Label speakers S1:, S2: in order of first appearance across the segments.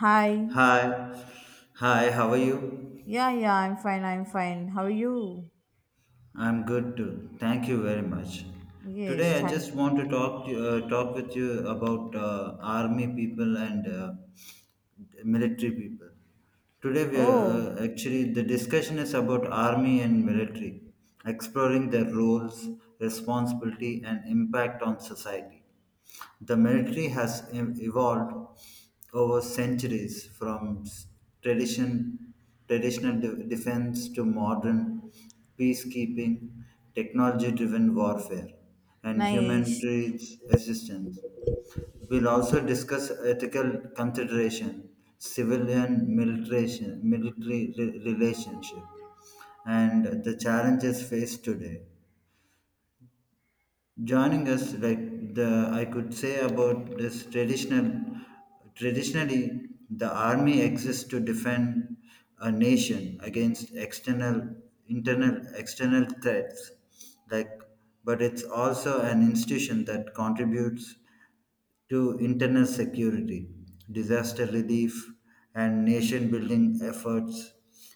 S1: Hi.
S2: Hi, hi, how are you?
S1: Yeah, yeah, I'm fine. I'm fine. How are you?
S2: I'm good too. Thank you very much.
S1: Yes,
S2: Today, I
S1: thank.
S2: just want to talk with you about army people and military people. Today, we
S1: Oh,
S2: actually the discussion is about army and military, exploring their roles, responsibility, and impact on society. The military has evolved over centuries from tradition, traditional defense to modern peacekeeping, technology driven warfare, and
S1: nice.
S2: humanitarian assistance. We'll also discuss ethical consideration, civilian military, relationship, and the challenges faced today. Joining us, like the I could say about traditionally the army exists to defend a nation against external threats, like, but it's also an institution that contributes to internal security, disaster relief, and nation building efforts.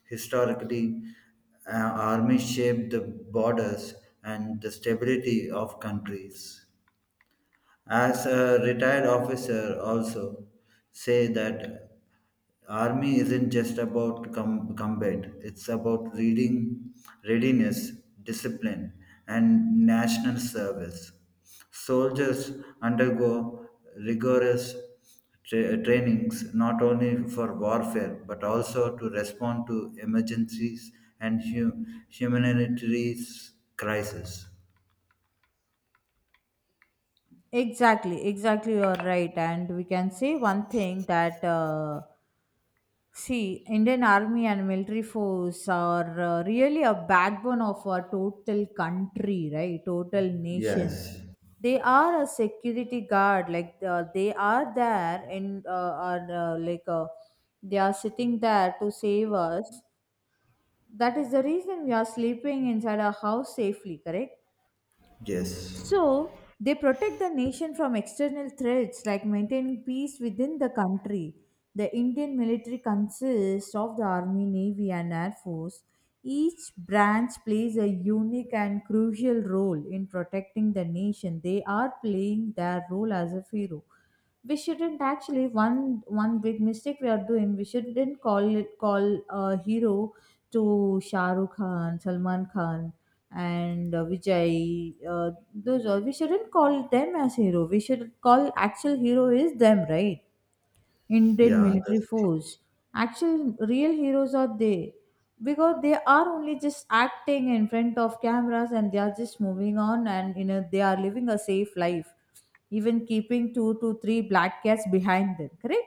S2: Historically, uh, armies shaped the borders and the stability of countries. As a retired officer, also say that army isn't just about combat; it's about readiness, discipline, and national service. Soldiers undergo rigorous trainings not only for warfare but also to respond to emergencies and humanitarian crises.
S1: Exactly, exactly. You're right. And we can say one thing that see, Indian Army and military force are really a backbone of our total country, right? Total nation.
S2: Yes,
S1: They are a security guard. Like they are there, and are, uh, like uh, they are sitting there to save us. That is the reason we are sleeping inside our house safely, correct?
S2: yes.
S1: So they protect the nation from external threats, like maintaining peace within the country. The Indian military consists of the Army, Navy, and Air Force. Each branch plays a unique and crucial role in protecting the nation. They are playing their role as a hero. We shouldn't actually, one big mistake we are doing, we shouldn't call a hero to Shah Rukh Khan, Salman Khan, and Vijay, those all. We shouldn't call them as hero. We should call actual hero is them, right? Indian
S2: Yeah,
S1: military
S2: that's true.
S1: force. Actual real heroes are they, because they are only just acting in front of cameras and they are just moving on, and you know, they are living a safe life, even keeping two to three black cats behind them, correct?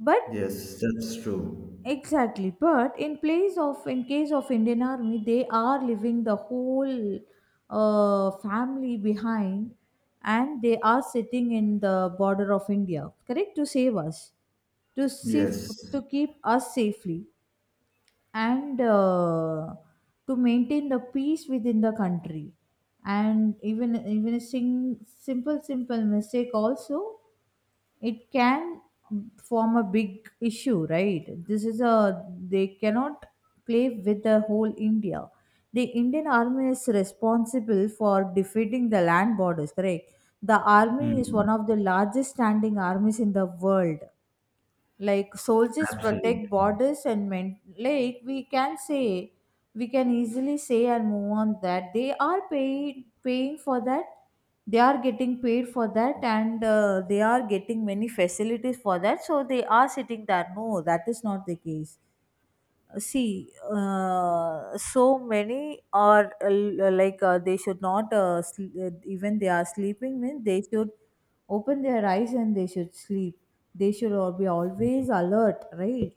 S1: But
S2: Yes, that's true.
S1: exactly, but in case of Indian Army, they are leaving the whole family behind, and they are sitting in the border of India, correct, to save us, to safe,
S2: Yes.
S1: to keep us safely, and to maintain the peace within the country. And even a simple mistake also, it can form a big issue, right? this is a they cannot play with the whole India. The Indian Army is responsible for defeating the land borders, correct? The army is one
S2: Hmm.
S1: of the largest standing armies in the world, like soldiers
S2: Absolutely.
S1: protect borders and men. Like, we can say, we can easily say and move on, that they are paid paying for that, they are getting paid for that, and they are getting many facilities for that, so they are sitting there. No, that is not the case. See, so many are, they should not, even they are sleeping means they should open their eyes and they should sleep. They should all be always alert, right?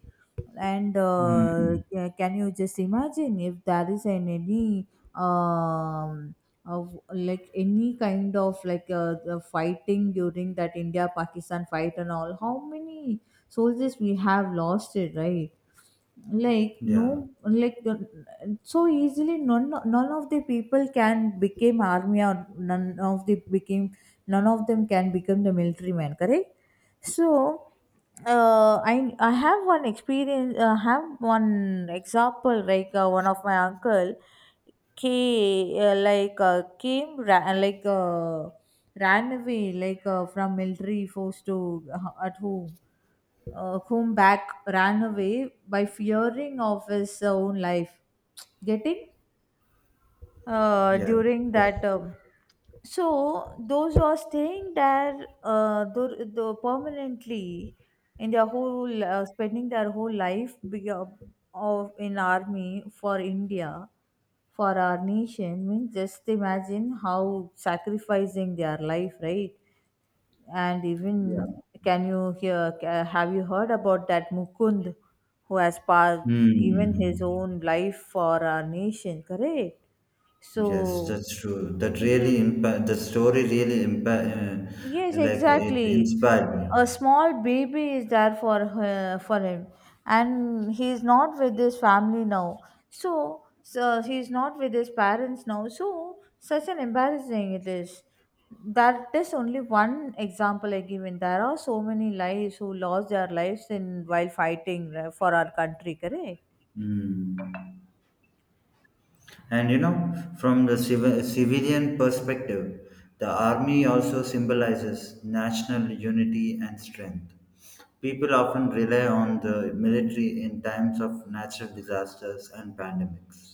S1: And
S2: Hmm.
S1: can you just imagine if there is an any um, of like any kind of, the fighting during that India Pakistan fight and all? How many soldiers we have lost it, right? Like,
S2: Yeah.
S1: no, so easily none, none of the people can become army, or none of the became, none of them can become the military man, correct? So, I have one experience. Have one example, like one of my uncle came, ran away, from military force to at home, whom back ran away by fearing of his own life. Getting?
S2: Yeah,
S1: During
S2: that's
S1: that,
S2: true.
S1: so those who are staying there, the permanently in their whole, spending their whole life, of in army for India, for our nation, means just imagine how sacrificing their life, right? And
S2: Yeah.
S1: even, can you hear ca- have you heard about that Mukund who has passed, given his
S2: Hmm.
S1: own life for our nation, correct?
S2: Yes,
S1: So,
S2: that's true. That really
S1: ye-
S2: impact. The story really impact.
S1: yes,
S2: Like it
S1: exactly.
S2: inspired me.
S1: A small baby is there for her, for him, and he is not with his family now. So, so he is not with his parents now. So, such an embarrassing it is. That is only one example I give. In there are so many lives who lost their lives in while fighting for our country. Correct.
S2: Hmm. And you know, from the civilian perspective, the army also symbolizes national unity and strength. People often rely on the military in times of natural disasters and pandemics.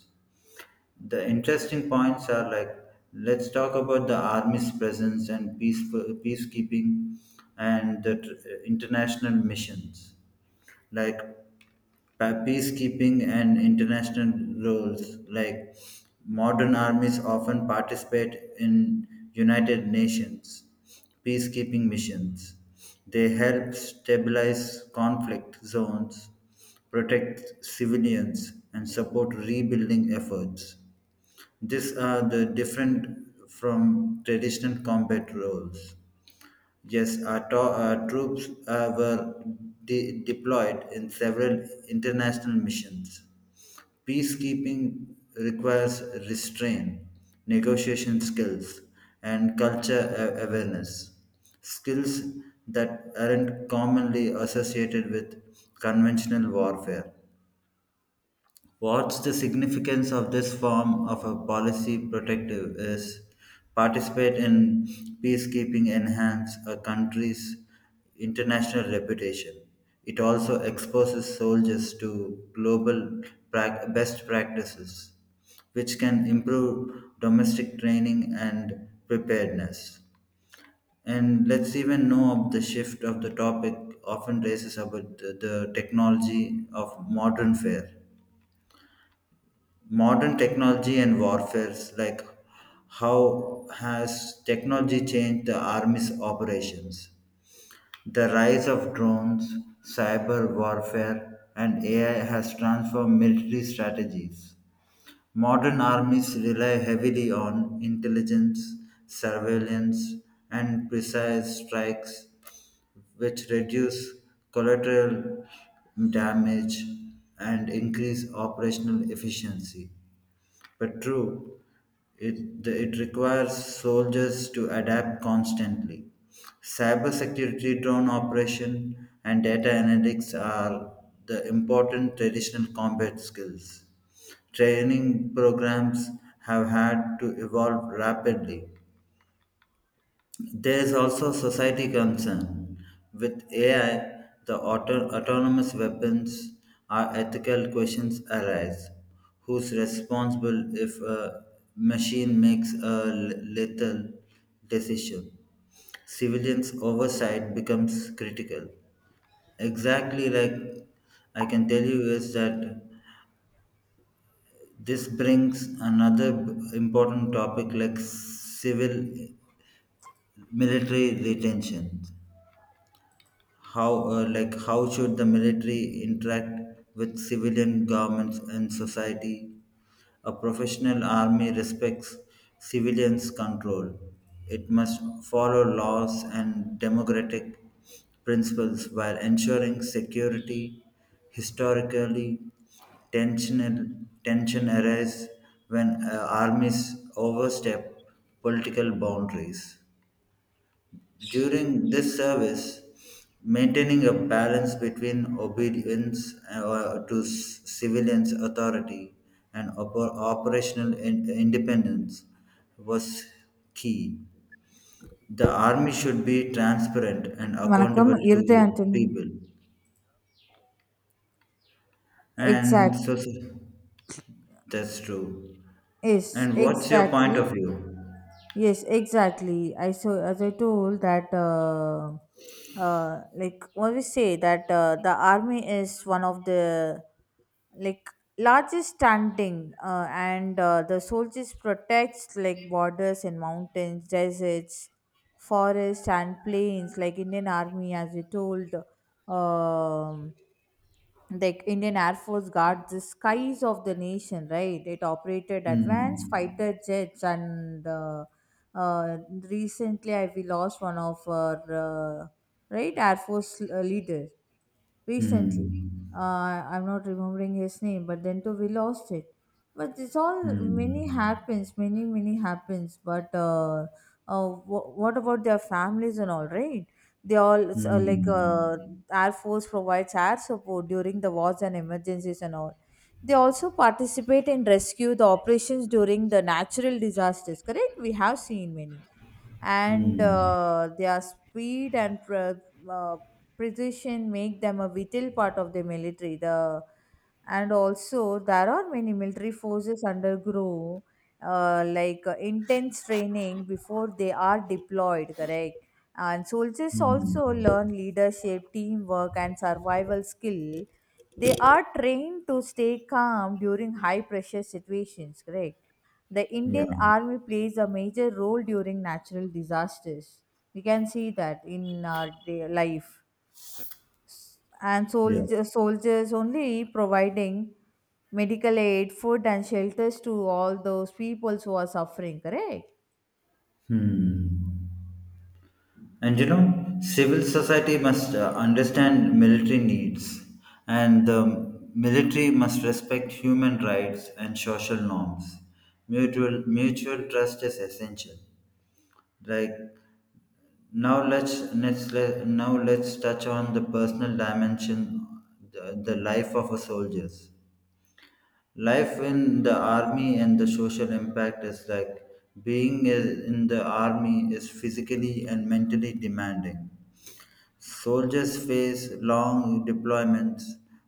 S2: The interesting points are like, let's talk about the army's presence and peace peacekeeping and the international missions, like peacekeeping and international roles. Like modern armies often participate in United Nations peacekeeping missions. They help stabilize conflict zones, protect civilians, and support rebuilding efforts. These are the different from traditional combat roles. Yes, our troops were deployed in several international missions. Peacekeeping requires restraint, negotiation skills, and culture awareness. Skills that aren't commonly associated with conventional warfare. What's the significance of this form of a policy protective is participate in peacekeeping enhance a country's international reputation. It also exposes soldiers to global best practices, which can improve domestic training and preparedness. And let's even know of the shift of the topic, often raises about the technology of modern fare, modern technology and warfares. Like how has technology changed the army's operations? The rise of drones, cyber warfare and AI has transformed military strategies. Modern armies rely heavily on intelligence, surveillance, and precise strikes, which reduce collateral damage and increase operational efficiency. But true, it requires soldiers to adapt constantly. Cybersecurity, drone operation, and data analytics are the important traditional combat skills. Training programs have had to evolve rapidly. There is also society concern. With AI, the autonomous weapons are ethical questions arise. Who's responsible if a machine makes a lethal decision? Civilians' oversight becomes critical. Exactly, like I can tell you is that this brings another important topic like civil military retention. How like how should the military interact with civilian governments and society? A professional army respects civilians control. It must follow laws and democratic principles while ensuring security. Historically, tensional, tension arises when armies overstep political boundaries. During this service, maintaining a balance between obedience to civilians' authority and operational independence was key. The army should be transparent and
S1: வணக்கம்
S2: accountable
S1: இருதய
S2: to the
S1: Antony.
S2: people.
S1: Exact.
S2: And that's true.
S1: Yes.
S2: And what's your point
S1: Exactly.
S2: of view?
S1: Yes, exactly. I So, as I told, that like, always say that the army is one of the, like, largest standing, and the soldiers protects like borders and mountains, deserts, forests, and plains, like Indian Army, as we told. um, like, Indian Air Force guards the skies of the nation, right? It operated advanced
S2: Hmm.
S1: fighter jets, and uh, recently, we lost one of our, uh, right, Air Force leader recently.
S2: Hmm.
S1: I'm not remembering his name, but then too we lost it. But it's all many
S2: Hmm.
S1: happens, many happens. But what about their families and all? Right, they all it's,
S2: Hmm.
S1: Air Force provides air support during the wars and emergencies and all. They also participate in rescue the operations during the natural disasters, correct? We have seen many. And
S2: Hmm. Hmm.
S1: their speed and uh, precision make them a vital part of the military. The, and also there are many military forces undergo intense training before they are deployed, correct? And soldiers
S2: Hmm.
S1: also learn leadership, teamwork, and survival skill. They are trained to stay calm during high pressure situations, correct? The
S2: Yeah,
S1: Indian Army plays a major role during natural disasters. We can see that in our day life. And
S2: yeah.
S1: soldiers only providing medical aid, food, and shelters to all those peoples who are suffering, correct?
S2: Hmm. And you know, civil society must understand military needs, and the military must respect human rights and social norms. Mutual trust is essential. Like now let's touch on the personal dimension, the life of a soldier. Life in the army and the social impact is like being in the army is physically and mentally demanding. Soldiers face long deployments,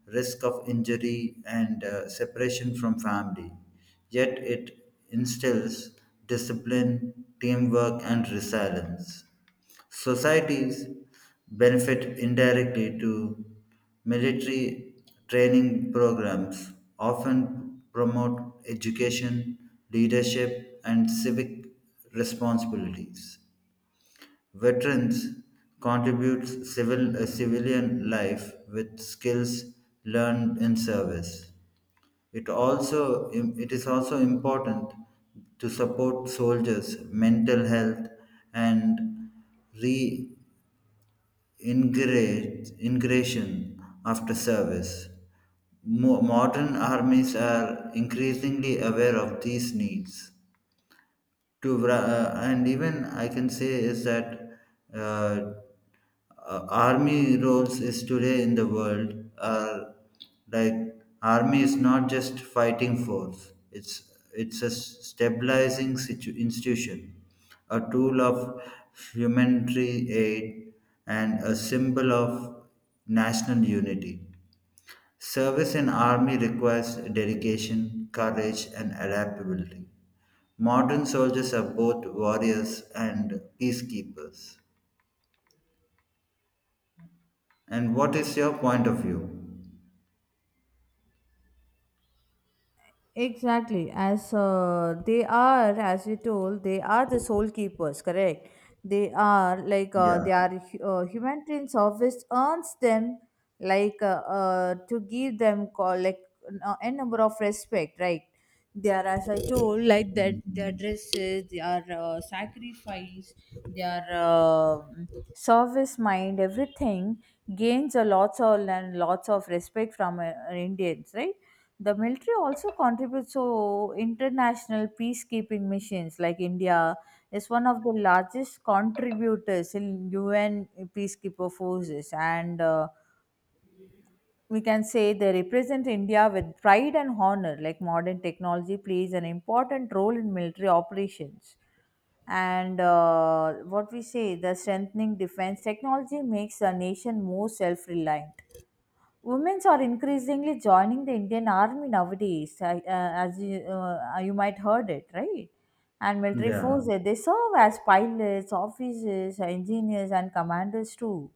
S2: risk of injury, and separation from family. Yet it instills discipline, teamwork, and resilience. Societies benefit indirectly to military training programs, often promote education, leadership, and civic responsibilities. Veterans contribute civilian life with skills learned in service. It is also important to support soldiers' mental health and reintegration after service. Modern armies are increasingly aware of these needs and even I can say is that uh, army roles is today in the world are, like army is not just fighting force, it's a institution, a tool of humanitarian aid and a symbol of national unity. Service in army requires dedication, courage and adaptability. Modern soldiers are both warriors and peacekeepers. And what is your point of view?
S1: Exactly, as they are, as you told, they are the soul keepers, correct? They are like
S2: Yeah.
S1: they are, humanitarian service earns them, like, to give them call, like, a number of respect, right? They are, as I told, like that their
S2: Mhm.
S1: dresses, they are, sacrifice, their service mind, everything gains a lots of and lots of respect from Indians, right? The military also contributes to international peacekeeping missions. Like, India is one of the largest contributors in UN peacekeeper forces, and we can say they represent India with pride and honor. Like, modern technology plays an important role in military operations, and what we say, the strengthening defense technology makes a nation more self-reliant. Women are increasingly joining the Indian Army nowadays, as you might heard it, right? And military
S2: Yeah.
S1: forces, they serve as pilots, officers, engineers, and commanders too.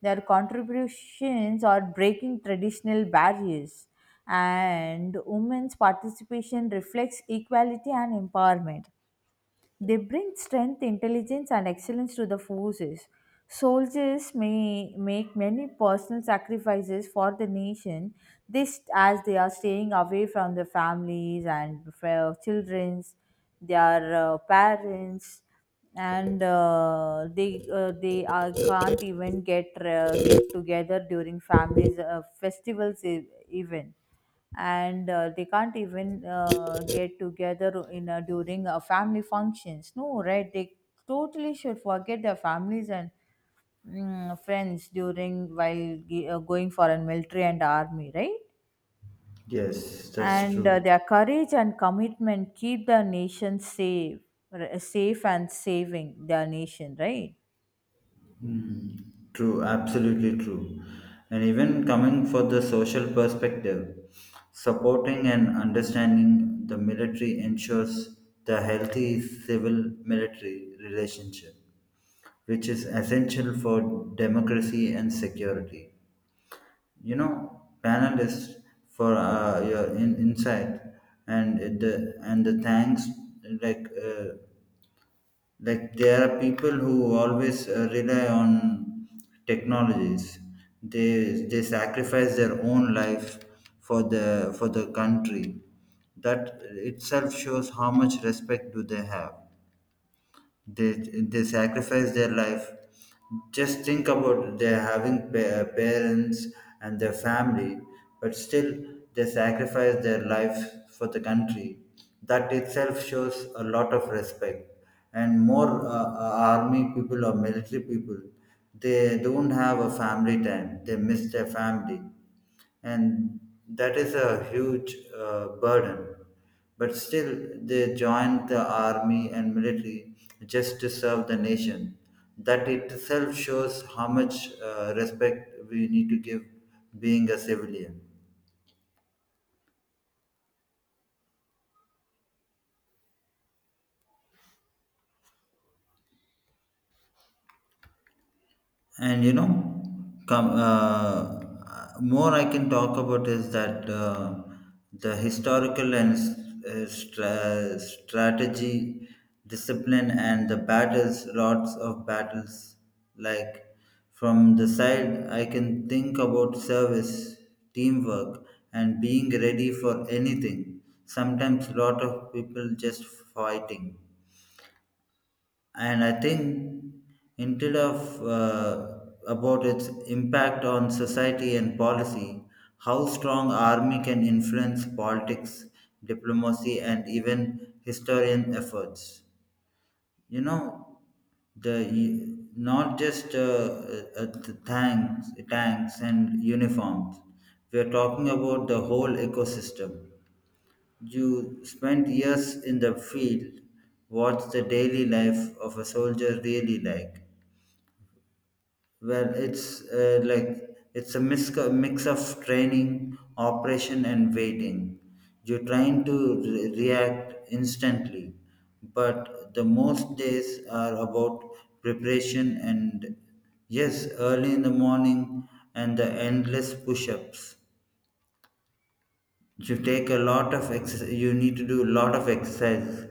S1: Their contributions are breaking traditional barriers, and women's participation reflects equality and empowerment. They bring strength, intelligence, and excellence to the forces. Soldiers may make many personal sacrifices for the nation. This, as they are staying away from their families and childrens, their parents, and they are, can't even get together during families festivals, even. And they can't even get together in during family functions, no, right? They totally should forget their families and, friends, during while going for a military and army, right?
S2: Yes, that's
S1: And
S2: true.
S1: their courage and commitment keep the nation safe and saving their nation, right?
S2: True. Absolutely true. And even coming for the social perspective, supporting and understanding the military ensures the healthy civil military relationship, which is essential for democracy and security. You know, panelists for your insight and the thanks like. Like there are people who always rely on technologies. They sacrifice their own life for the country. That itself shows how much respect do they have. They they sacrifice their life. Just think about they having parents and their family, but still they sacrifice their life for the country. That itself shows a lot of respect. And more army people or military people, they don't have a family time, they miss their family, and that is a huge burden. But still, they joined the army and military just to serve the nation. That itself shows how much respect we need to give being a civilian. And you know, come more I can talk about is that the historical and strategy, discipline and the battles, lots of battles. Like from the side I can think about service, teamwork, and being ready for anything. Sometimes lot of people just fighting, and I think instead of about its impact on society and policy, how strong army can influence politics, diplomacy and even historian efforts. You know, the not just the tanks and uniforms, we are talking about the whole ecosystem. You spent years in the field. What's the daily life of a soldier really like? Well, it's like it's a mix of training, operation, and waiting. You're trying to react instantly, but the most days are about preparation and yes, early in the morning and the endless push-ups. You take a lot of exercise. You need to do a lot of exercise.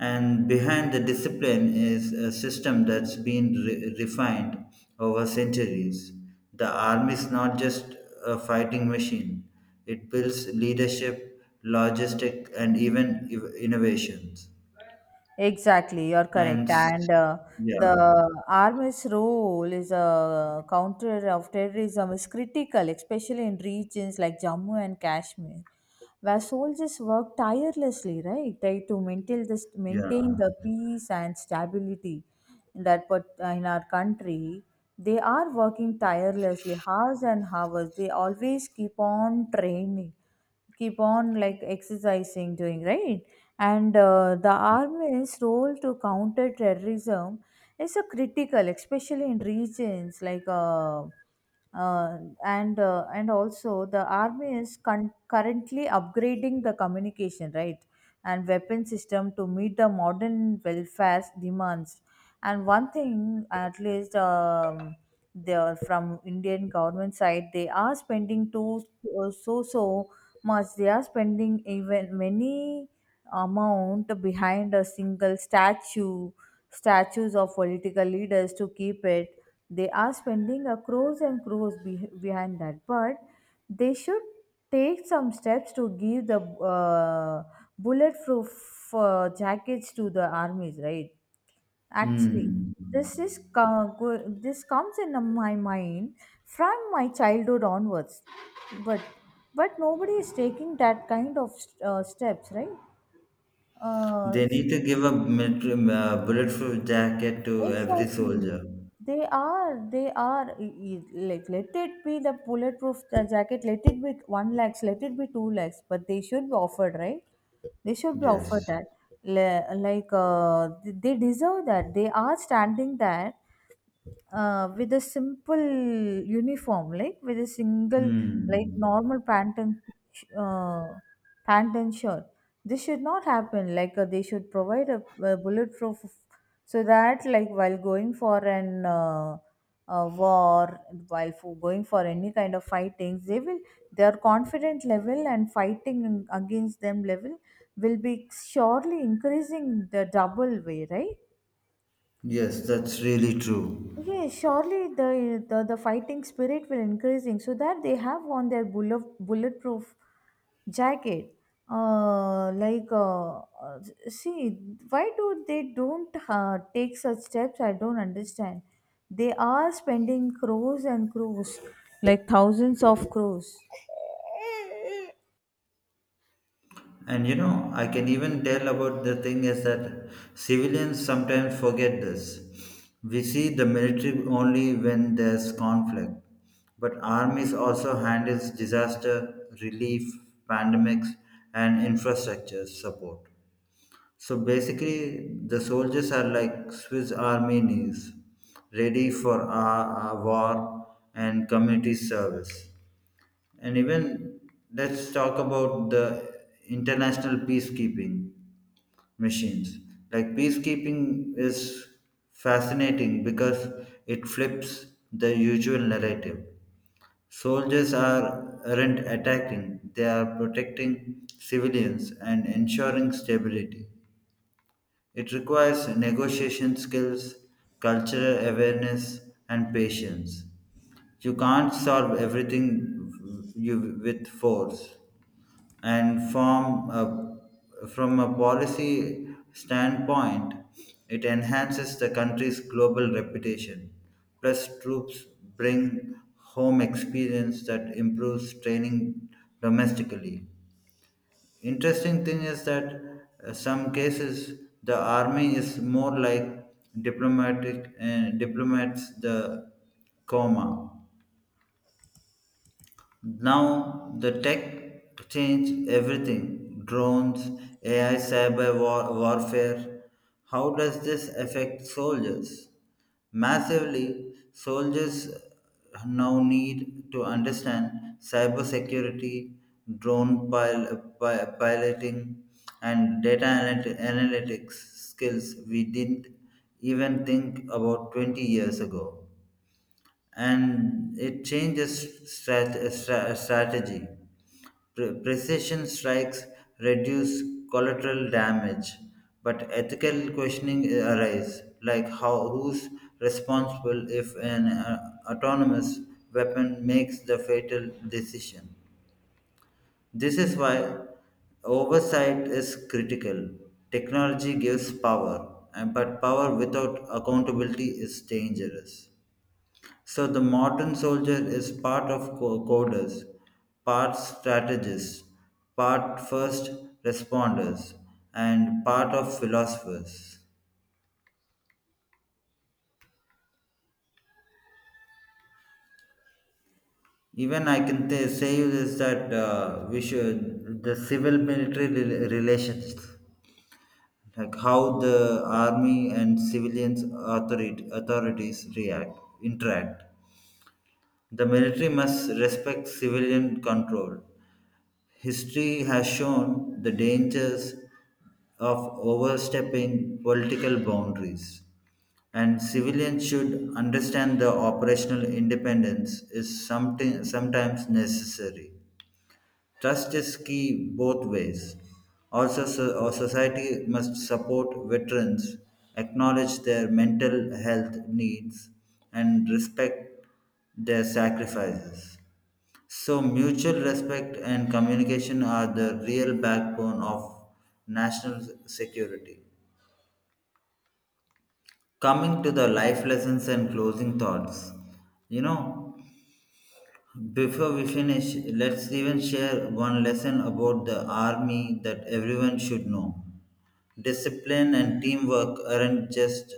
S2: And behind the discipline is a system that's been refined over centuries. The army is not just a fighting machine, it builds leadership, logistic, and even innovations.
S1: Exactly, you're
S2: And
S1: correct.
S2: s-
S1: And the
S2: yeah,
S1: army's role is a counter of terrorism is critical, especially in regions like Jammu and Kashmir, where soldiers work tirelessly, right, right, to maintain
S2: yeah.
S1: the peace and stability in that part, in our country. They are working tirelessly, hours and hours. They always keep on training, keep on like exercising, doing, right? And the army's role to counter terrorism is a critical, especially in regions like uh, and also the army is, currently upgrading the communication, right, and weapon system to meet the modern welfare demands. And one thing at least, they are, from Indian government side, they are spending to so much. They are spending even many amount behind a single statues of political leaders to keep it. They are spending a crores and crores behind that, but they should take some steps to give the uh, bulletproof jackets to the armies, right? Actually,
S2: Hmm.
S1: this is this comes in my mind from my childhood onwards, but but nobody is taking that kind of steps, right? Uh,
S2: They
S1: s-
S2: need to give a military, bulletproof jacket to every
S1: exactly.
S2: soldier.
S1: They are, they are, like, let it be the bulletproof jacket. Let it be one lakhs. Let it be two lakhs. But they should be offered, right? They should be offered
S2: Yes.
S1: that. Like, they deserve that. They are standing there with a simple uniform, like with a single, like
S2: Hmm.
S1: normal sh- uh, pant and shirt. This should not happen. Like, they should provide a bulletproof, so that like while going for an, war, while for going for any kind of fightings, they will their confident level and fighting against them level will be surely increasing the double way, right?
S2: Yes, that's really true.
S1: Yeah, surely the, the fighting spirit will increasing, so that they have on their bulletproof jacket. Like, see, why do they don't take such steps? I don't understand. They are spending crores and crores, like thousands of crores.
S2: And you know, I can even tell about the thing is that civilians sometimes forget this. We see the military only when there's conflict, but armies also handles disaster relief, pandemics, and infrastructure support. So basically, the soldiers are like Swiss Army knees, ready for a war and community service. And even let's talk about the international peacekeeping machines. Like peacekeeping is fascinating because it flips the usual narrative. Soldiers are aren't attacking, they are protecting civilians and ensuring stability. It requires negotiation skills, cultural awareness, and patience. You can't solve everything you with force, and from a policy standpoint, it enhances the country's global reputation. Plus, troops bring home experience that improves training domestically. Interesting thing is that some cases the army is more like diplomatic and diplomats the coma. Now the tech changed everything. Drones, AI, cyber warfare. How does this affect soldiers? Massively, soldiers now need to understand cybersecurity, drone piloting, and data analytics, skills we didn't even think about 20 years ago. And it changes strategy. Precision strikes reduce collateral damage, but ethical questioning arise, like how, who's responsible if an autonomous weapon makes the fatal decision. This is why oversight is critical. Technology gives power, but power without accountability is dangerous. So the modern soldier is part of coders, part strategists, part first responders, and part of philosophers. Even I can say you this that we should the civil military relations, like how the army and civilians authorities react interact. The military must respect civilian control. History has shown the dangers of overstepping political boundaries, and civilians should understand the operational independence is sometimes necessary. Trust is key both ways. Also, our society must support veterans, acknowledge their mental health needs, and respect their sacrifices. So, mutual respect and communication are the real backbone of national security. Coming to the life lessons and closing thoughts, you know, before we finish, let's even share one lesson about the army that everyone should know. Discipline and teamwork aren't just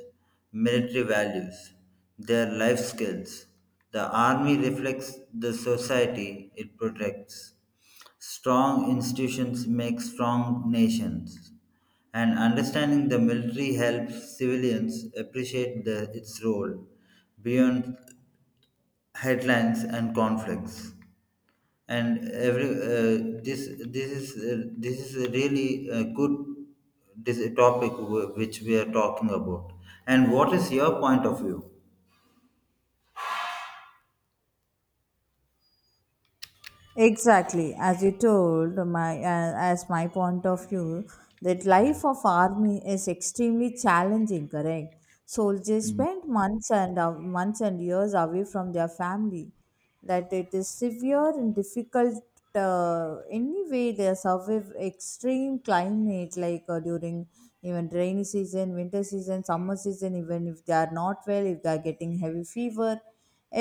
S2: military values, they are life skills. The army reflects the society it protects. Strong institutions make strong nations. And understanding the military helps civilians appreciate its role beyond headlines and conflicts. And every this is this is a really good this topic which we are talking about. And what is your point of view?
S1: Exactly, as you told my as my point of view, that life of army is extremely challenging. Correct, soldiers spend months and months and years away from their family. That it is severe and difficult. Anyway, they survive extreme climate like during even rainy season, winter season, summer season. Even if they are not well, if they are getting heavy fever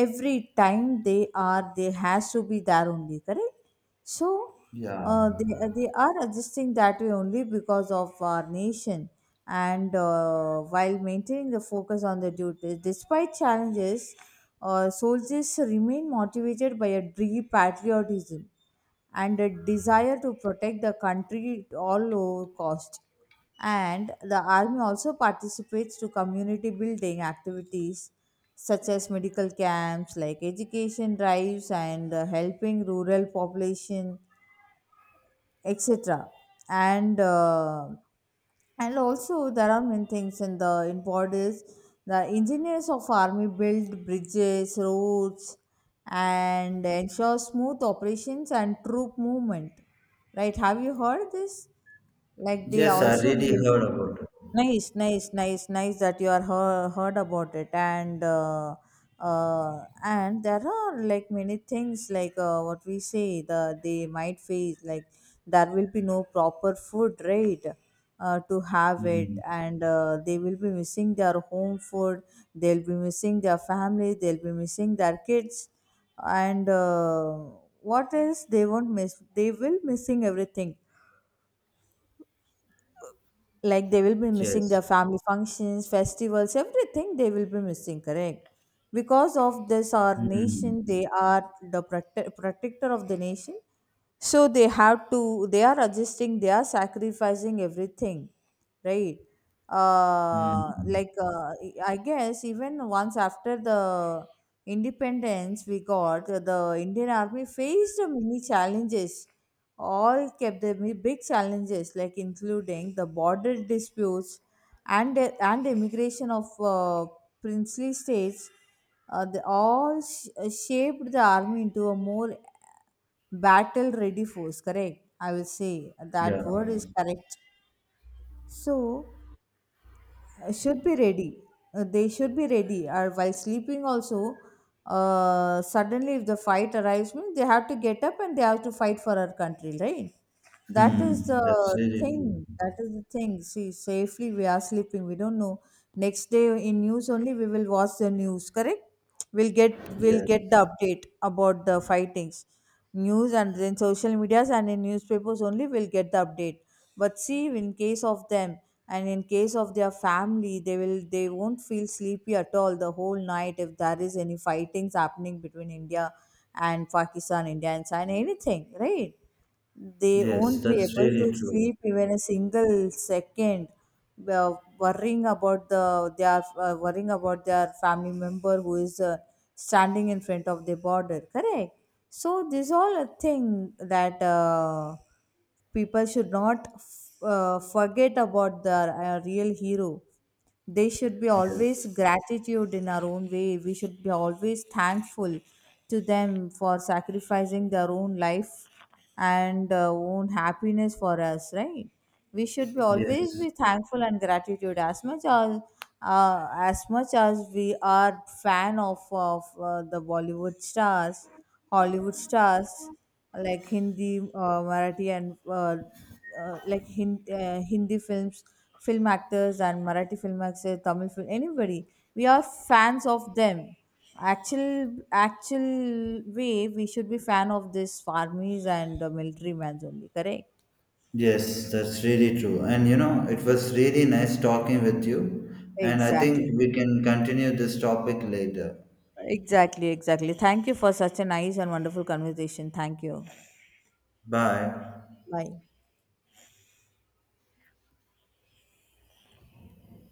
S1: every time they has to be there only, correct? So
S2: Yeah.
S1: they are existing that way only because of our nation. And while maintaining the focus on the duties despite challenges, soldiers remain motivated by a deep patriotism and a desire to protect the country at all cost. And the army also participates to community building activities such as medical camps, like education drives and helping rural population etc. and uh, and also there are many things in the in borders. The engineers of army build bridges, roads and ensure smooth operations and troop movement. Right, have you heard this? Like they
S2: Yes, I
S1: also
S2: really
S1: build.
S2: heard about it.
S1: Nice, nice, nice, nice that you are heard about it. And and there are like many things, like what we say the they might face, like there will be no proper food, right, to have it.
S2: Hmm.
S1: And they will be missing their home food, they'll be missing their family, they'll be missing their kids, and what else they won't miss? They will missing everything. Like they will be missing their
S2: Yes.
S1: family functions, festivals, everything they will be missing, correct? Because of this our nation,
S2: Hmm.
S1: they are the protector of the nation. So they have to, they are adjusting, they are sacrificing everything, right? uh
S2: Hmm.
S1: like uh, I guess even once after the independence we got, the Indian army faced many challenges, all kept their big challenges, like including the border disputes and the immigration of princely states. They all shaped the army into a more battle-ready force. Correct? I will say that word is correct. So should be ready. They should be ready. Or while sleeping, also, suddenly if the fight arrives, means they have to get up and they have to fight for our country, right? That is
S2: Hmm.
S1: the
S2: That's really true.
S1: thing. That is the thing. See, safely we are sleeping. We don't know. Next day in news only we will watch the news. Correct? we'll get we'll
S2: Yes.
S1: get the update about the fightings news, and then social medias and in newspapers only we'll get the update. But see, in case of them and in case of their family, they won't feel sleepy at all the whole night if there is any fightings happening between India and Pakistan, India and China, anything, right? They
S2: Yes,
S1: won't be
S2: that's
S1: able
S2: really
S1: to
S2: true.
S1: sleep even a single second, uh, worrying about the worrying about their family member who is standing in front of the border. Correct. So this all a thing, that people should not forget about their real hero. They should be always
S2: Yes.
S1: gratitude. In our own way we should be always thankful to them for sacrificing their own life and own happiness for us, right? We should be always
S2: Yes.
S1: be thankful and gratitude as much as we are fan of the Bollywood stars, Hollywood stars, like Hindi, Marathi, and Hindi films, film actors, and Marathi film actors, Tamil film, anybody. We are fans of them. Actual way we should be fan of this armies and military mans only. Correct.
S2: Yes, that's really true. And you know, it was really nice talking with you. And I think
S1: Exactly.
S2: we can continue this topic later.
S1: Exactly. Exactly. Thank you for such a nice and wonderful conversation. Thank you.
S2: Bye.
S1: Bye.